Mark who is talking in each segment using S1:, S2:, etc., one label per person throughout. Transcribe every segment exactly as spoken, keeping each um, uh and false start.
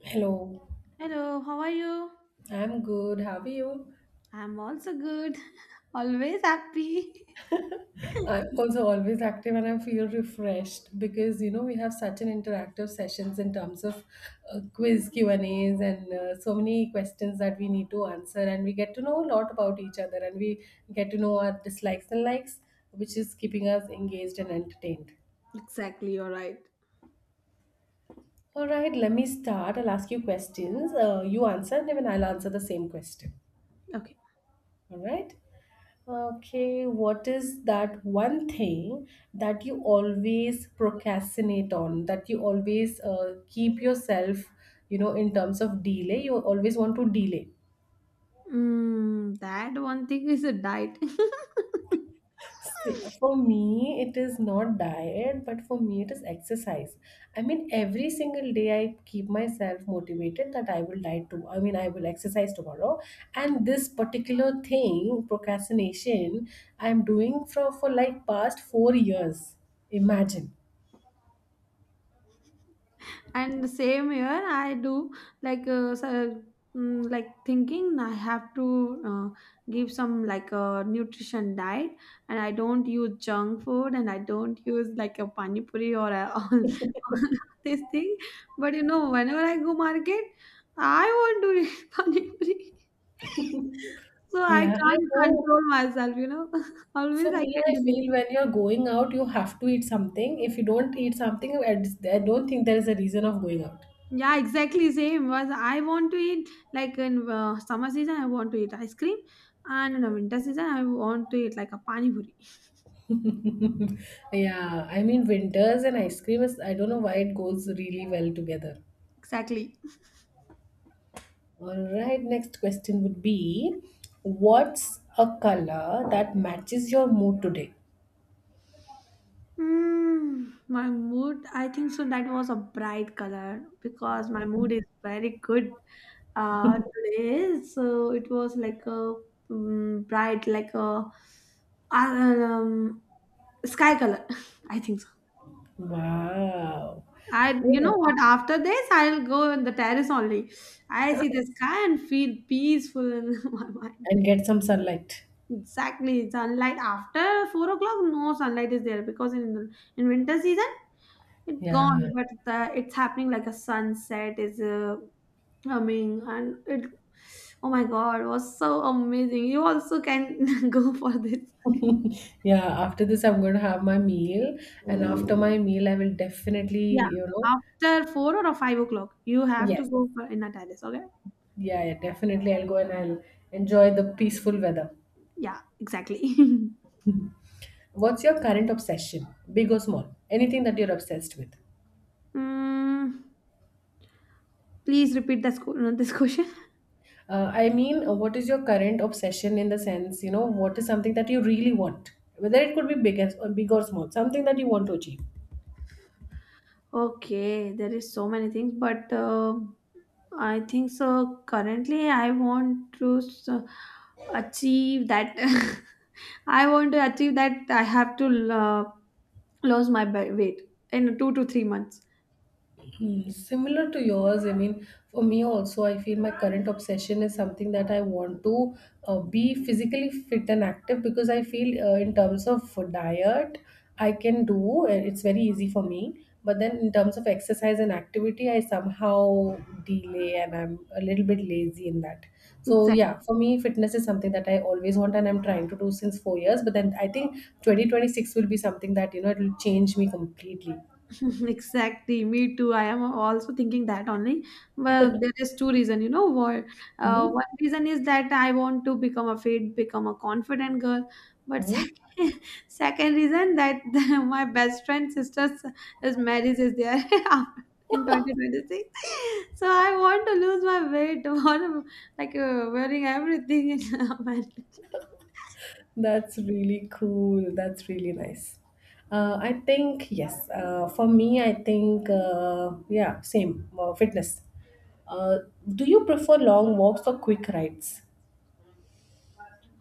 S1: Hello,
S2: Hello, how are you?
S1: I'm good. How are you?
S2: I'm also good. Always happy.
S1: I'm also always active and I feel refreshed because you know we have such an interactive sessions in terms of uh, quiz Q and A's and uh, so many questions that we need to answer and we get to know a lot about each other and we get to know our dislikes and likes, which is keeping us engaged and entertained.
S2: Exactly, you're right.
S1: All right, let me start. I'll ask you questions. Uh, you answer and then I'll answer the same question.
S2: Okay.
S1: All right. Okay, what is that one thing that you always procrastinate on, that you always uh, keep yourself, you know, in terms of delay, you always want to delay?
S2: Mm, that one thing is a diet.
S1: See, for me, it is not diet, but for me, it is exercise. I mean, every single day I keep myself motivated that I will diet to. I mean, I will exercise tomorrow. And this particular thing, procrastination, I'm doing for, for like past four years. Imagine.
S2: and the same year I do, like, uh, so, mm, like thinking I have to uh, give some like a nutrition diet. And I don't use junk food, and I don't use like a pani puri or a, all, all this thing. But you know whenever I go market, I want to eat pani puri so I
S1: Yeah, I
S2: can't
S1: know.
S2: control myself you know
S1: For
S2: always I
S1: me,
S2: can
S1: I
S2: do.
S1: feel when you're going out, you have to eat something. If you don't eat something, I I don't think there is a reason of going out.
S2: Yeah, exactly same. Was I want to eat like in uh, summer season, I want to eat ice cream, and in the winter season, I want to eat like a pani puri.
S1: Yeah, I mean winters and ice cream is I don't know why it goes really well together.
S2: Exactly.
S1: All right, next question would be, what's a color that matches your mood today?
S2: Mm, my mood. I think so. That was a bright color because my mood is very good uh, today. So it was like a mm bright, like a uh, um, sky color. I think so.
S1: Wow.
S2: I, you know
S1: Yeah.
S2: what, after this, I'll go on the terrace only. I see the sky and feel peaceful in my mind.
S1: And get some sunlight.
S2: Exactly, sunlight after four o'clock, no sunlight is there because in the, in winter season it's
S1: Yeah.
S2: gone, but the, it's happening like a sunset is uh, coming and it. Oh my God, it was so amazing. You also can go for this.
S1: Yeah, after this I'm going to have my meal and after my meal I will definitely,
S2: Yeah,
S1: you know,
S2: after four or five o'clock, you have to
S1: yes.
S2: go for in a terrace. Okay.
S1: Yeah, yeah, definitely I'll go and I'll enjoy the peaceful weather.
S2: Yeah, exactly.
S1: What's your current obsession, big or small? Anything that you're obsessed with?
S2: Mm, Please repeat this, que- this question.
S1: Uh, I mean, uh, what is your current obsession in the sense, you know, what is something that you really want? Whether it could be big, as, or big or small, something that you want to achieve.
S2: Okay, there is so many things, but uh, I think so. Currently, I want to s- achieve that. I want to achieve that. I have to uh, lose my ba- weight in two to three months.
S1: Hmm, similar to yours, I mean, for me also, I feel my current obsession is something that I want to uh, be physically fit and active because I feel uh, in terms of diet, I can do, uh, it's very easy for me. But then in terms of exercise and activity, I somehow delay and I'm a little bit lazy in that. So
S2: Exactly.
S1: yeah, for me, fitness is something that I always want and I'm trying to do since four years. But then I think twenty twenty-six will be something that, you know, it will change me completely.
S2: Exactly, me too. I am also thinking that only. But there is two reason, you know. What uh,
S1: Hmm.
S2: one reason is that I want to become a fit, become a confident girl. But
S1: Hmm.
S2: second, second reason that my best friend sister's his marriage is there in twenty twenty-six. So I want to lose my weight, want like uh, wearing everything in a marriage.
S1: That's really cool. That's really nice. Uh, I think, yes, uh, for me, I think, uh, yeah, same, uh, fitness. Uh, do you prefer long walks or quick rides?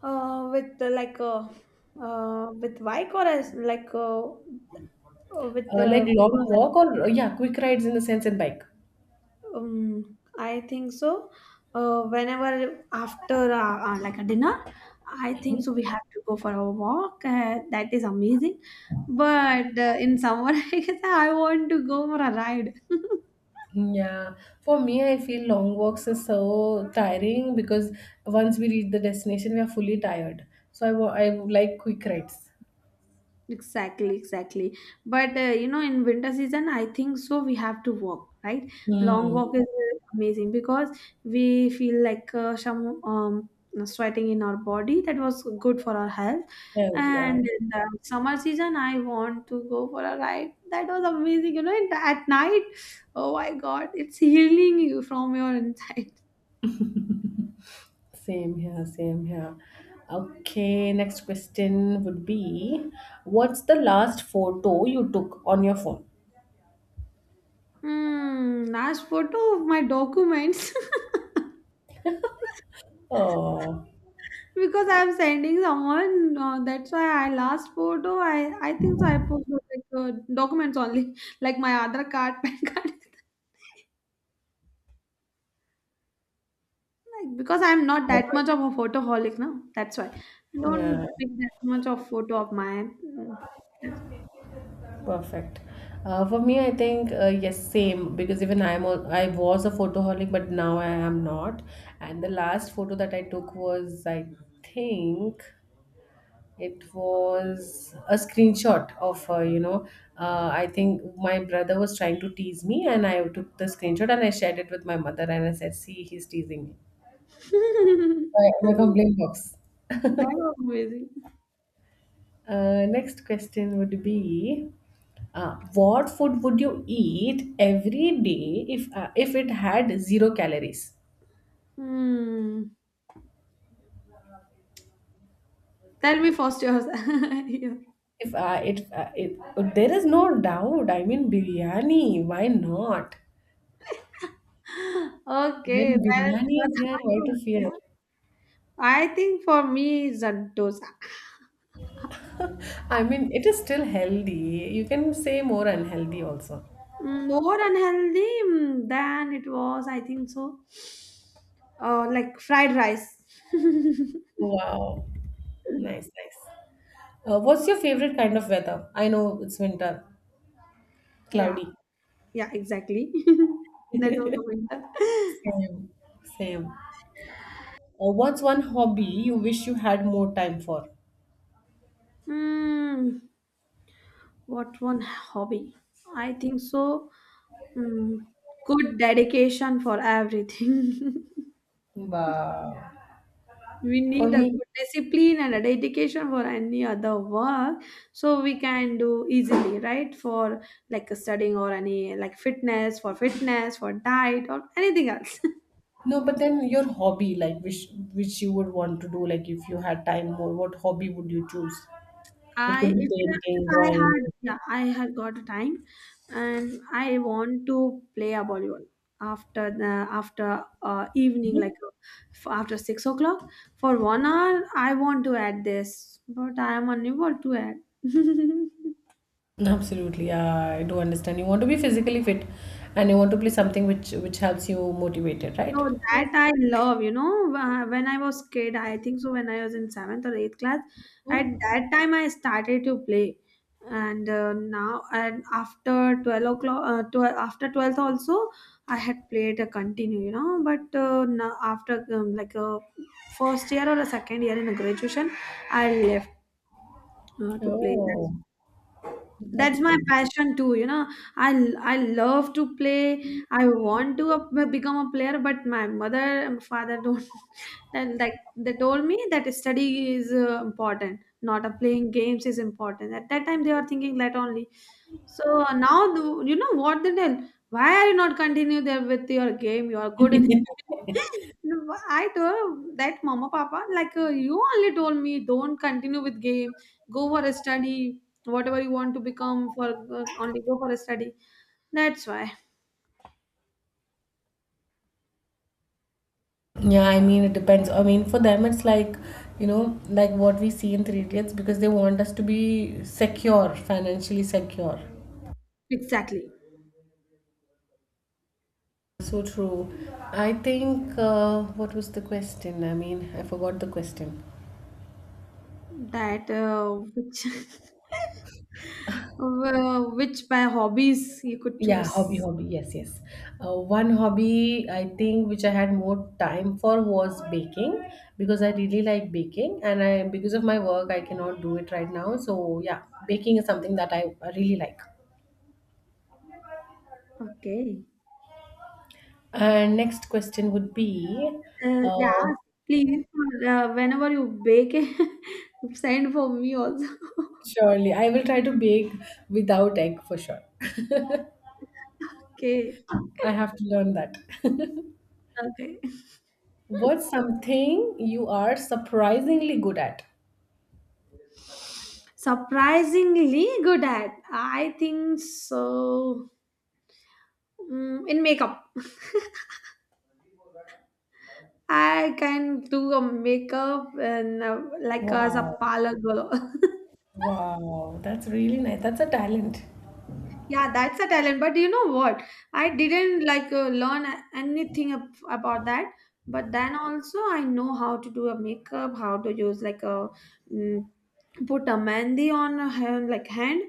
S2: Uh, with uh, like uh, uh, with bike, or as like uh, Uh, with
S1: Uh,
S2: the,
S1: like long walk or, uh, yeah, quick rides in the sense and bike?
S2: um, I think so. Uh, whenever after uh, uh, like a dinner, I think so we have to go for a walk. Uh, that is amazing. But uh, in summer, I guess I want to go for a ride.
S1: Yeah, for me, I feel long walks are so tiring because once we reach the destination, we are fully tired. So I, wa- I like quick rides.
S2: Exactly, exactly. But uh, you know, in winter season, I think so. We have to walk, right? Long
S1: Hmm.
S2: walk is uh, amazing because we feel like uh, some um sweating in our body that was good for our health.
S1: Yeah, yeah.
S2: And in the summer season, I want to go for a ride. That was amazing, you know. and At night, oh my God, it's healing you from your inside.
S1: Same here, same here. Okay, next question would be, what's the last photo you took on your phone?
S2: Hmm. Last photo of my documents.
S1: Oh,
S2: because I'm sending someone. Uh, that's why I last photo. I I think so. I put the, like uh, documents only, like my other card, P A N card. Like because I'm not that much
S1: perfect.
S2: of a photoholic now. That's why
S1: Yeah,
S2: don't take that much of photo of mine. Mm.
S1: perfect. Uh, for me, I think uh, yes, same because even I'm a, I was a photoholic, but now I am not. And the last photo that I took was, I think, it was a screenshot of, uh, you know, uh, I think my brother was trying to tease me, and I took the screenshot and I shared it with my mother, and I said, "See, he's teasing me." My, my complaint box.
S2: That was amazing.
S1: Uh, next question would be, uh, what food would you eat every day if uh, if it had zero calories?
S2: Hmm. Tell me first yours. Yeah.
S1: If uh, it, uh, it there is no doubt. I mean, biryani. Why not?
S2: Okay,
S1: When
S2: that is
S1: biryani
S2: not
S1: is here,
S2: hard.
S1: why
S2: To-
S1: to
S2: yeah.
S1: fear?
S2: I think for me it's a dosa.
S1: I mean, it is still healthy. You can say more unhealthy also.
S2: Mm, more unhealthy mm, than it was, I think so. Uh, like fried rice.
S1: Wow. Nice, nice. Uh, what's your favorite kind of weather? I know it's winter,
S2: Yeah,
S1: cloudy.
S2: yeah, exactly. That was the winter.
S1: Same, same. Uh, what's one hobby you wish you had more time for?
S2: Mm, what one hobby? I think so. Mm, Good dedication for everything.
S1: Wow.
S2: We
S1: For
S2: need a
S1: me,
S2: good discipline and a dedication for any other work, so we can do easily, right? For like studying or any like fitness, for fitness, for diet or anything else.
S1: no, but then your hobby, like which which you would want to do, like if you had time more, what hobby would you choose? It
S2: I
S1: could be
S2: if, if
S1: painting,
S2: I
S1: drawing.
S2: had, yeah, I had got a time, and I want to play a volleyball after the after uh, evening,
S1: Mm-hmm.
S2: like uh, f- after six o'clock for one hour. I want to add this, but I am unable to add.
S1: No, absolutely, yeah, I do understand. You want to be physically fit and you want to play something which which helps you motivated,
S2: So
S1: right?
S2: that I love, you know, wh- when I was kid, I think so, when I was in seventh or eighth class, at
S1: Hmm?
S2: that time I started to play, and uh, now, and after twelve o'clock, uh, twelve after twelfth also I had played a continue, you know, but uh, now after um, like a first year or a second year in a graduation, I left uh, to play.
S1: Oh,
S2: That's
S1: that's
S2: my
S1: good.
S2: passion too you know i l- I love to play. I want to uh, become a player, but my mother and father don't, and like they told me that study is uh, important, not a playing games is important. At that time they were thinking that only. So now the, you know what they tell, why are you not continue there with your game, you are good in it. No, I told that mama papa, like uh, you only told me don't continue with game, go for a study, whatever you want to become for uh, only go for a study. That's why
S1: Yeah, I mean it depends. I mean for them it's like, you know, like what we see in Three Idiots because they want us to be secure, financially secure.
S2: exactly
S1: So true. I think uh, what was the question? I mean, I forgot the question.
S2: that uh, which uh, which by hobbies you could
S1: Yeah, hobby,
S2: choose.
S1: hobby. Yes, yes. Uh, one hobby I think which I had more time for was baking because I really like baking and I because of my work I cannot do it right now. So yeah, baking is something that I really like.
S2: Okay.
S1: And next question would be,
S2: Uh, yeah,
S1: uh,
S2: please, uh, whenever you bake send for me also.
S1: surely I will try to bake without egg for sure.
S2: Okay.
S1: I have to learn that.
S2: Okay.
S1: What's something you are surprisingly good at?
S2: Surprisingly good at, I think so. Mm, in makeup I can do a makeup, and uh, like as a
S1: Wow.
S2: parlor girl.
S1: Wow, that's really nice. That's a talent.
S2: Yeah, that's a talent. But you know what? I didn't like uh, learn a- anything ab- about that. But then also, I know how to do a makeup, how to use like a mm, put a mehndi on a hand, like hand.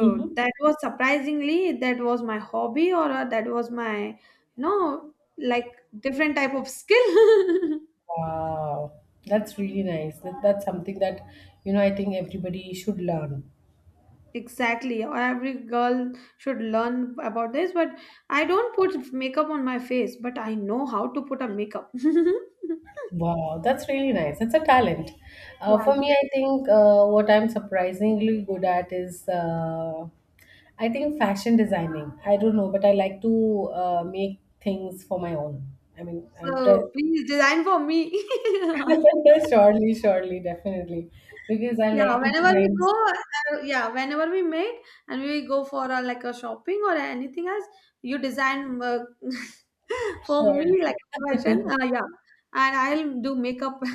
S1: Mhm.
S2: that was surprisingly that was my hobby or uh, that was my, you know like, different type of skill.
S1: Wow, that's really nice. That, that's something that, you know, I think everybody should learn.
S2: Exactly, or every girl should learn about this. But I don't put makeup on my face, but I know how to put a makeup.
S1: Wow, that's really nice. That's a talent. Uh,
S2: Yeah,
S1: for me,
S2: exactly.
S1: I think uh, what I'm surprisingly good at is, uh, I think fashion designing. I don't know, but I like to uh, make things for my own. I mean, I'm dress
S2: So please design for me.
S1: surely, surely, definitely, because I
S2: Yeah,
S1: like to
S2: whenever we
S1: design.
S2: go, uh, yeah, whenever we meet and we go for a, like a shopping or anything else, you design uh, for
S1: Surely,
S2: me like a fashion. Uh, yeah, and I'll do makeup.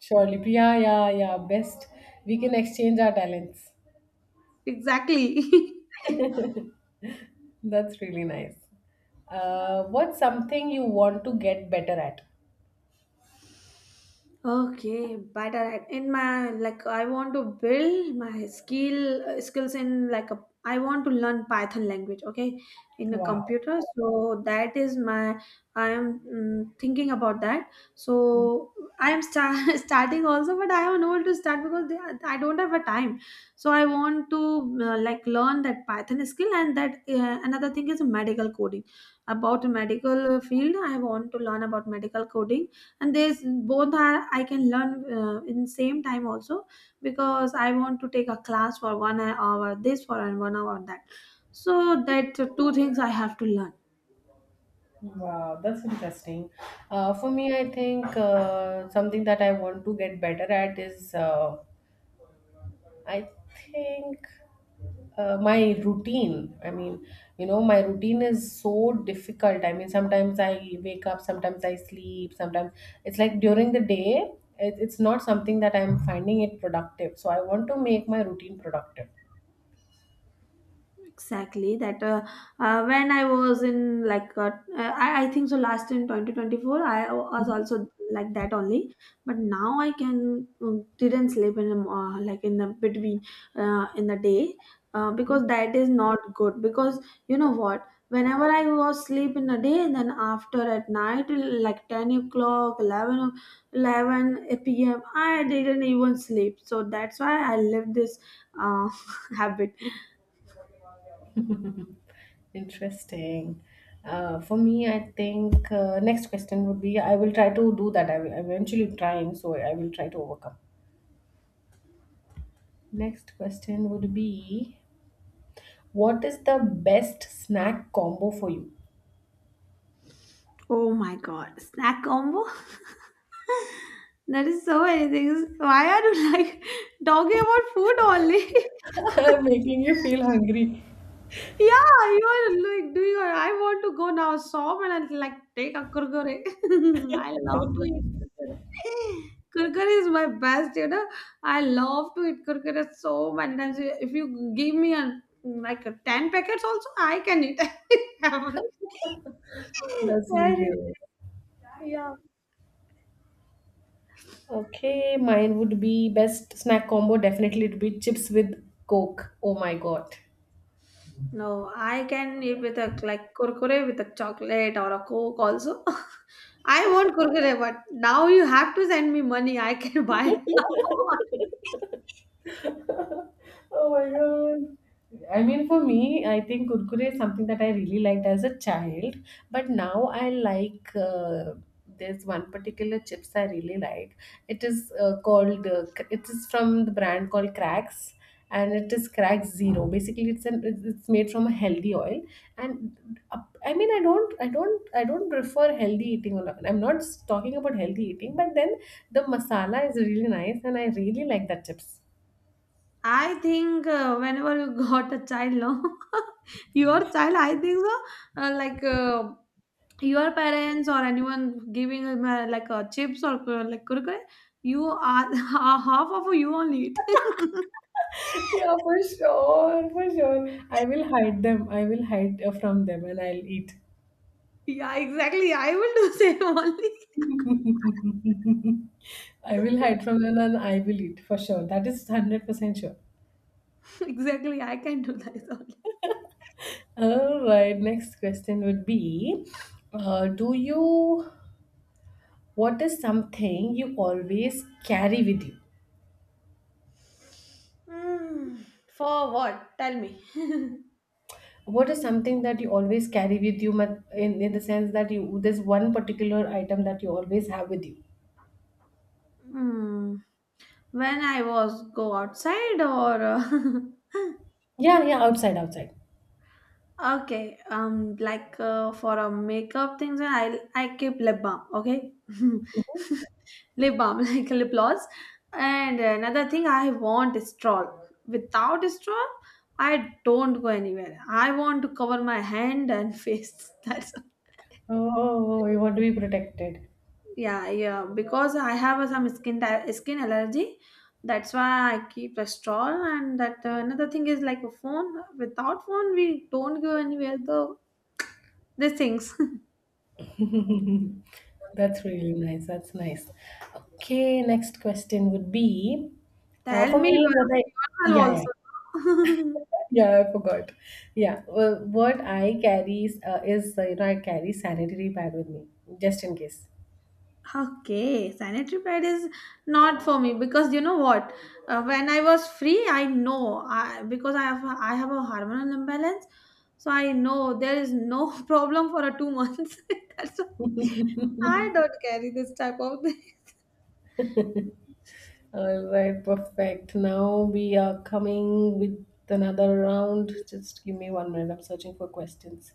S1: surely, yeah, yeah, yeah. Best we can exchange our talents.
S2: Exactly.
S1: That's really nice. Uh, what's something you want to get better at?
S2: Okay, but I- in my like, I want to build my skill uh, skills in, like, a. I want to learn Python language. Okay, in a
S1: Wow.
S2: computer. So that is my. I am mm, thinking about that. So I am start, starting also, but I haven't able to start because they, are- I don't have a time. So I want to uh, like learn that Python skill, and that uh, another thing is medical coding. About medical field, I want to learn about medical coding, and there's both are I can learn uh, in same time also, because I want to take a class for one hour this for and one hour that, so that two things I have to learn.
S1: Wow, that's interesting. Uh, for me, I think uh, something that I want to get better at is uh, I think uh, my routine. I mean, you know, my routine is so difficult. I mean, sometimes I wake up, sometimes I sleep, sometimes it's like during the day, it, it's not something that I'm finding it productive. So I want to make my routine productive.
S2: Exactly that uh, uh, when I was in, like, uh, I, I think so last in twenty twenty-four I was also like that only. But now I can, um, didn't sleep in the mo- uh, like in the between, uh, in the day, uh, because that is not good. Because you know what, whenever I was sleep in the day and then after at night like ten o'clock, eleven o- eleven p m I didn't even sleep, so that's why I left this uh, habit.
S1: Interesting. Uh, for me, I think uh, next question would be I will try to do that. I will eventually trying, so I will try to overcome. Next question would be, what is the best snack combo for you?
S2: Oh my God, snack combo? That is so many things. Why are you like talking about food only?
S1: I'm making you feel hungry.
S2: Yeah, you are like doing. Or I want to go now shop and I'll, like, take a kurkure. I love to eat kurkure. Kurkure is my best, you know. I love to eat kurkure so many times. If you give me a like a ten packets also, I can eat. Every-
S1: That's really
S2: Everything.
S1: nice.
S2: Yeah.
S1: Okay, mine would be best snack combo. Definitely, it would be chips with Coke. Oh my God.
S2: No, I can eat with a like kurkure with a chocolate or a coke also. I want kurkure, but now you have to send me money. I can buy.
S1: Oh my God. I mean, for me, I think kurkure is something that I really liked as a child, but now I like. Uh, there's one particular chips I really like. It is uh, called. Uh, cr- it is from the brand called Cracks, and it is Cracks Zero. Basically, it's an it's it's made from a healthy oil, and uh, I mean, I don't, I don't, I don't prefer healthy eating. Or not. I'm not talking about healthy eating, but then the masala is really nice, and I really like that chips.
S2: I think uh, whenever you got a child, no, your child, I think so. Uh, like uh, your parents or anyone giving him uh, like uh, chips or uh, like kurkure, you are half of you only eat.
S1: Yeah, for sure, for sure. I will hide them. I will hide uh, from them and I'll eat.
S2: Yeah, exactly. I will do same only.
S1: I will hide from them and I will eat for sure. That is one hundred percent sure.
S2: Exactly, I can do that
S1: All right, next question would be uh, Do you, what is something you always carry with you?
S2: only. Hmm. For what? Tell me.
S1: What is something that you always carry with you mat- in, in the sense that you, there's one particular item that you always have with you?
S2: Hmm. When I was go outside or uh,
S1: Yeah, yeah, outside, outside.
S2: okay, um, like uh, for a makeup things, and I I keep lip balm. Okay, lip balm like lip gloss, and another thing I want is straw. Without straw, I don't go anywhere. I want to cover my hand and face. That's
S1: Oh, you want to be protected.
S2: yeah, yeah. Because I have uh, some skin di- skin allergy, that's why I keep a straw. And that uh, another thing is like a phone. Without phone, we don't go anywhere. Though these things.
S1: That's really nice. That's nice. Okay, next question would be, uh,
S2: Tell
S1: for
S2: me
S1: me, what
S2: about
S1: I yeah
S2: yourself
S1: yeah
S2: also.
S1: yeah I forgot. Yeah, well, what I carry is, uh, is uh, you know I carry sanitary pad with me just in case.
S2: Okay, sanitary pad is not for me because you know what? Uh, when I was free, I know I, because I have I have a hormonal imbalance, so I know there is no problem for a two months. That's why I don't carry this type of thing.
S1: All right, perfect. Now we are coming with another round. Just give me one minute. I'm searching for questions.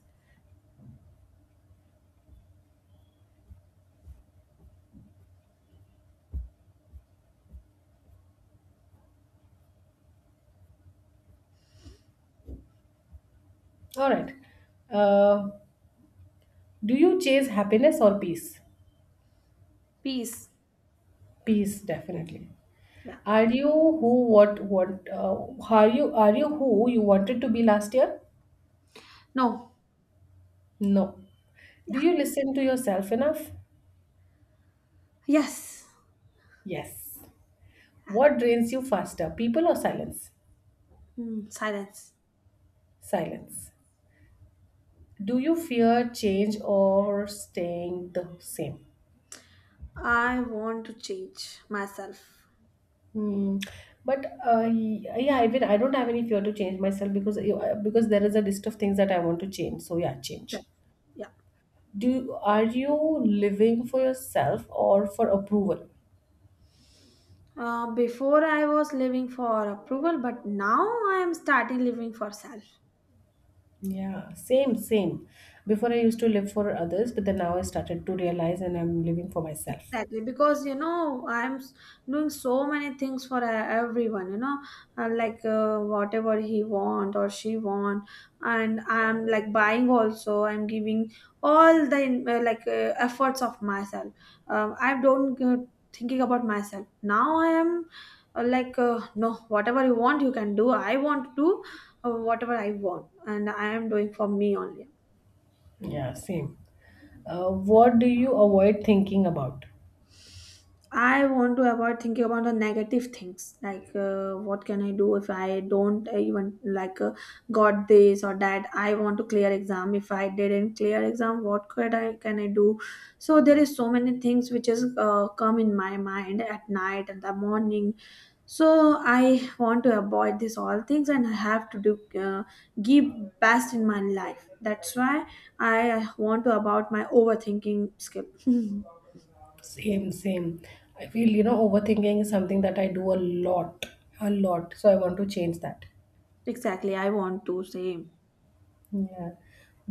S1: All right. Uh, do you chase happiness or peace?
S2: Peace.
S1: Peace, definitely.
S2: Yeah.
S1: Are you who what what uh, are you are you who you wanted to be last year?
S2: No.
S1: No.
S2: Yeah.
S1: Do you listen to yourself enough?
S2: Yes.
S1: Yes. What drains you faster, people or silence?
S2: Mm, silence.
S1: Silence. Do you fear change or staying the same?
S2: I want to change myself.
S1: Hmm. But uh, yeah, I mean, I don't have any fear to change myself because because there is a list of things that I want to change. So yeah,
S2: Yeah.
S1: change.
S2: Yeah.
S1: Do are you living for yourself or for approval?
S2: Uh, before I was living for approval, but now I am starting living for self.
S1: Yeah, same, same. Before I used to live for others, but then now I started to realize and I'm living for myself.
S2: Exactly, because you know, I'm s- doing so many things for uh, everyone, you know, uh, like uh, whatever he want or she want, and I'm like buying also. I'm giving all the in- uh, like uh, efforts of myself. Um, I don't uh, thinking about myself now. I am uh, like uh, no, whatever you want, you can do. I want to do uh, whatever I want, and I am doing for me only.
S1: Yeah, same. Uh, what do you avoid thinking about?
S2: I want to avoid thinking about the negative things like uh, what can I do if I don't uh, even like uh, got this or that. I want to clear exam. If I didn't clear exam, what could I can I do? So there is so many things which is uh, come in my mind at night and the morning. So I want to avoid this all things and I have to do uh, give best in my life. That's why I want to about my overthinking skill.
S1: Same, same. I feel, you know, overthinking is something that I do a lot, a lot. So I want to change that.
S2: Exactly, I want to say.
S1: Yeah.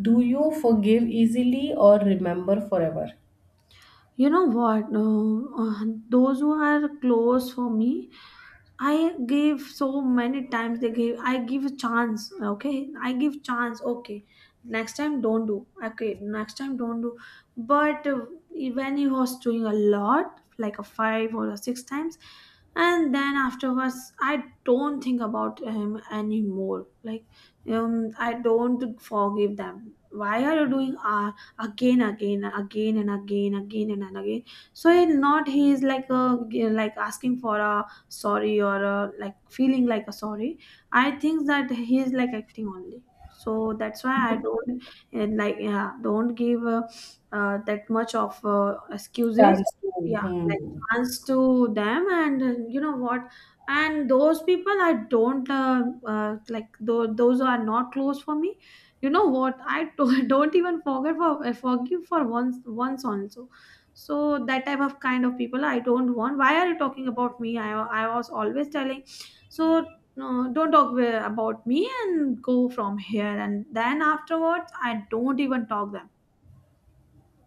S1: Do you forgive easily or remember forever?
S2: You know what? Uh, uh, those who are close for me, I gave so many times they gave I give a chance, okay, I give chance, okay, next time don't do, okay, next time don't do, but uh, when he was doing a lot like a five or a six times, and then afterwards I don't think about him anymore. Like um I don't forgive them. Why are you doing uh, again again again and again again and again? So in not he is like uh, like asking for a sorry or uh, like feeling like a sorry. I think that he is like acting only. So that's why I don't uh, like yeah, don't give uh, uh, that much of uh, excuses,
S1: Chance to.
S2: yeah, like
S1: Hmm.
S2: chance to them. And uh, you know what, and those people I don't uh, uh, like tho- those are not close for me. You know what, i to- don't even forget, for uh, forgive for once, once also. So that type of kind of people I don't want. Why are you talking about me? i, I was always telling. So no, don't talk wi- about me and go from here and then afterwards I don't even talk them.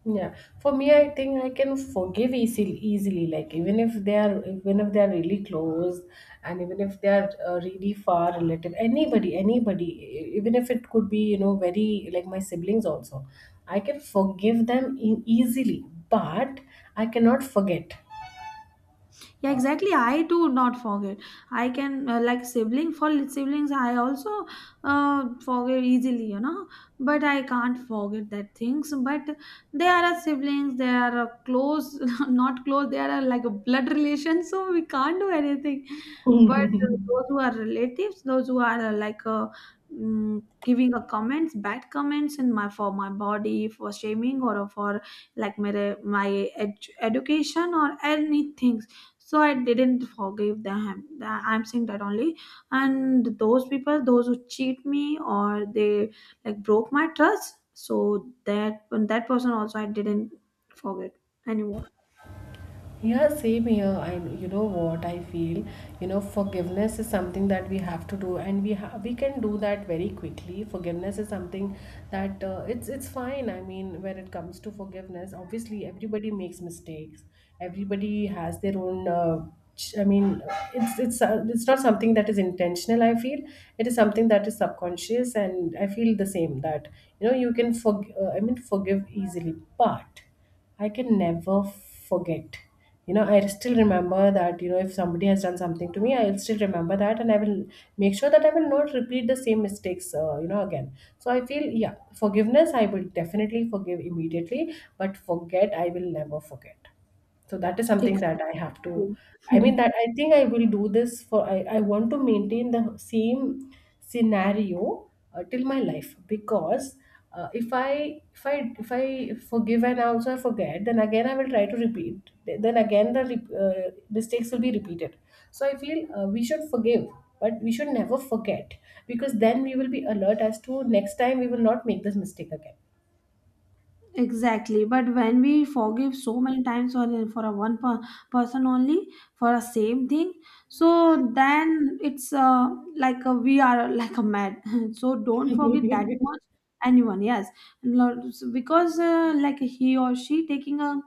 S1: Yeah, for me, I think I can forgive easily, easily. Like even if they are, even if they are really close, and even if they are uh, really far relative, anybody, anybody, e- even if it could be, you know, very like my siblings also, I can forgive them e- easily. But I cannot forget.
S2: Yeah, exactly. I do not forget. I can uh, like sibling for siblings. I also uh, forget easily, you know. But I can't forget that things. But they are a siblings. They are a close, not close. They are a, like a blood relation. So we can't do anything. But uh, those who are relatives, those who are uh, like uh, mm, giving a comments, bad comments in my for my body, for shaming or for like my my ed- education or anything. So I didn't forgive them. Tha- I'm saying that only. And those people, those who cheat me or they like broke my trust, so that that person also I didn't forget anymore.
S1: Yeah, same here. And you know what I feel? You know, forgiveness is something that we have to do, and we ha- we can do that very quickly. Forgiveness is something that uh, it's it's fine. I mean, when it comes to forgiveness, obviously everybody makes mistakes. Everybody has their own. Uh, ch- I mean, it's it's uh, it's not something that is intentional. I feel it is something that is subconscious, and I feel the same that you know you can forg- uh, I mean forgive easily, but I can never forget. You know, I still remember that, you know, if somebody has done something to me, I'll still remember that and I will make sure that I will not repeat the same mistakes, uh, you know, again. So I feel, yeah, forgiveness, I will definitely forgive immediately, but forget, I will never forget, so that is something
S2: Exactly.
S1: that I have to I mean that I think I will do this for i, I want to maintain the same scenario uh, till my life because uh, if i if i if I forgive and also I forget, then again I will try to repeat, then again the rep- uh, mistakes will be repeated. So I feel uh, we should forgive, but we should never forget, because then we will be alert as to next time we will not make this mistake again.
S2: Exactly, but when we forgive so many times for for a one per, person only, for a same thing, so then it's uh, like a, we are like a mad. So don't forget that much anyone. Yes, Lo- because uh, like he or she taking a,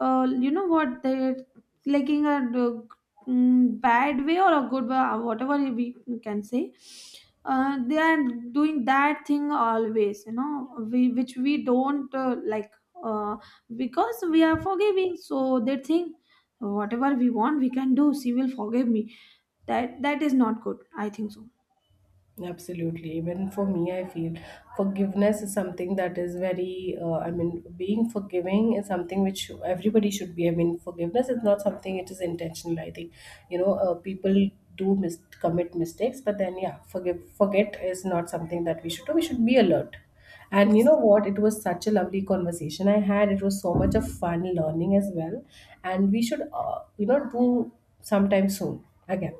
S2: uh, you know what they taking a uh, mm, bad way or a good way, uh, whatever we can say, uh, they are doing that thing always, you know, we which we don't uh, like uh, because we are forgiving, so they think whatever we want we can do, she will forgive me. That that is not good, I think. So
S1: Absolutely. Even for me, I feel forgiveness is something that is very, uh, I mean, being forgiving is something which everybody should be. I mean, forgiveness is not something it is intentional. I think, you know, uh, people do mis- commit mistakes, but then, yeah, forgive, forget is not something that we should do. We should be alert. And you know
S2: it's
S1: what? It was such a lovely conversation I had. It was so much of fun learning as well. And we should, uh, you know, do sometime soon again.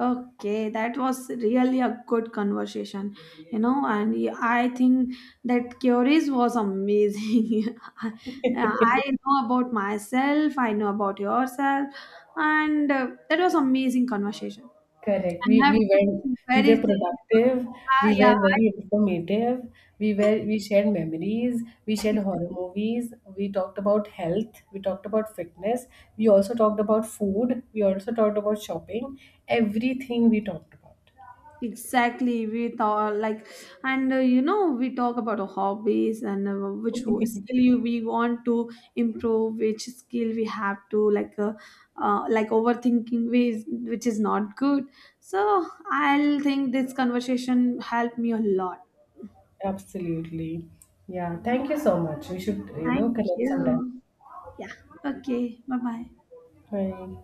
S2: okay. That was really a good conversation, you know. and y- I think that curies was amazing. Yeah, I know about myself, I know about yourself, and uh, that was amazing conversation.
S1: Correct. We
S2: And have
S1: we
S2: to
S1: went.
S2: do
S1: We
S2: very
S1: were
S2: thing. You know.
S1: productive.
S2: Ah,
S1: We
S2: yeah,
S1: were
S2: I-
S1: very informative. We were we shared memories. We shared horror
S2: exactly.
S1: movies. We talked about health. We talked about fitness. We also talked about food. We also talked about shopping. Everything we talked about.
S2: Exactly, we thought like, and uh, you know, we talk about our hobbies and uh, which wo- skill you we want to improve, which skill we have to like, uh, uh, like overthinking, ways which is not good. So I'll think this conversation helped me a lot.
S1: Absolutely. Yeah. Thank you so much. We should you know
S2: Thank
S1: connect sometime.
S2: you. Yeah. Okay. Bye bye.
S1: Bye.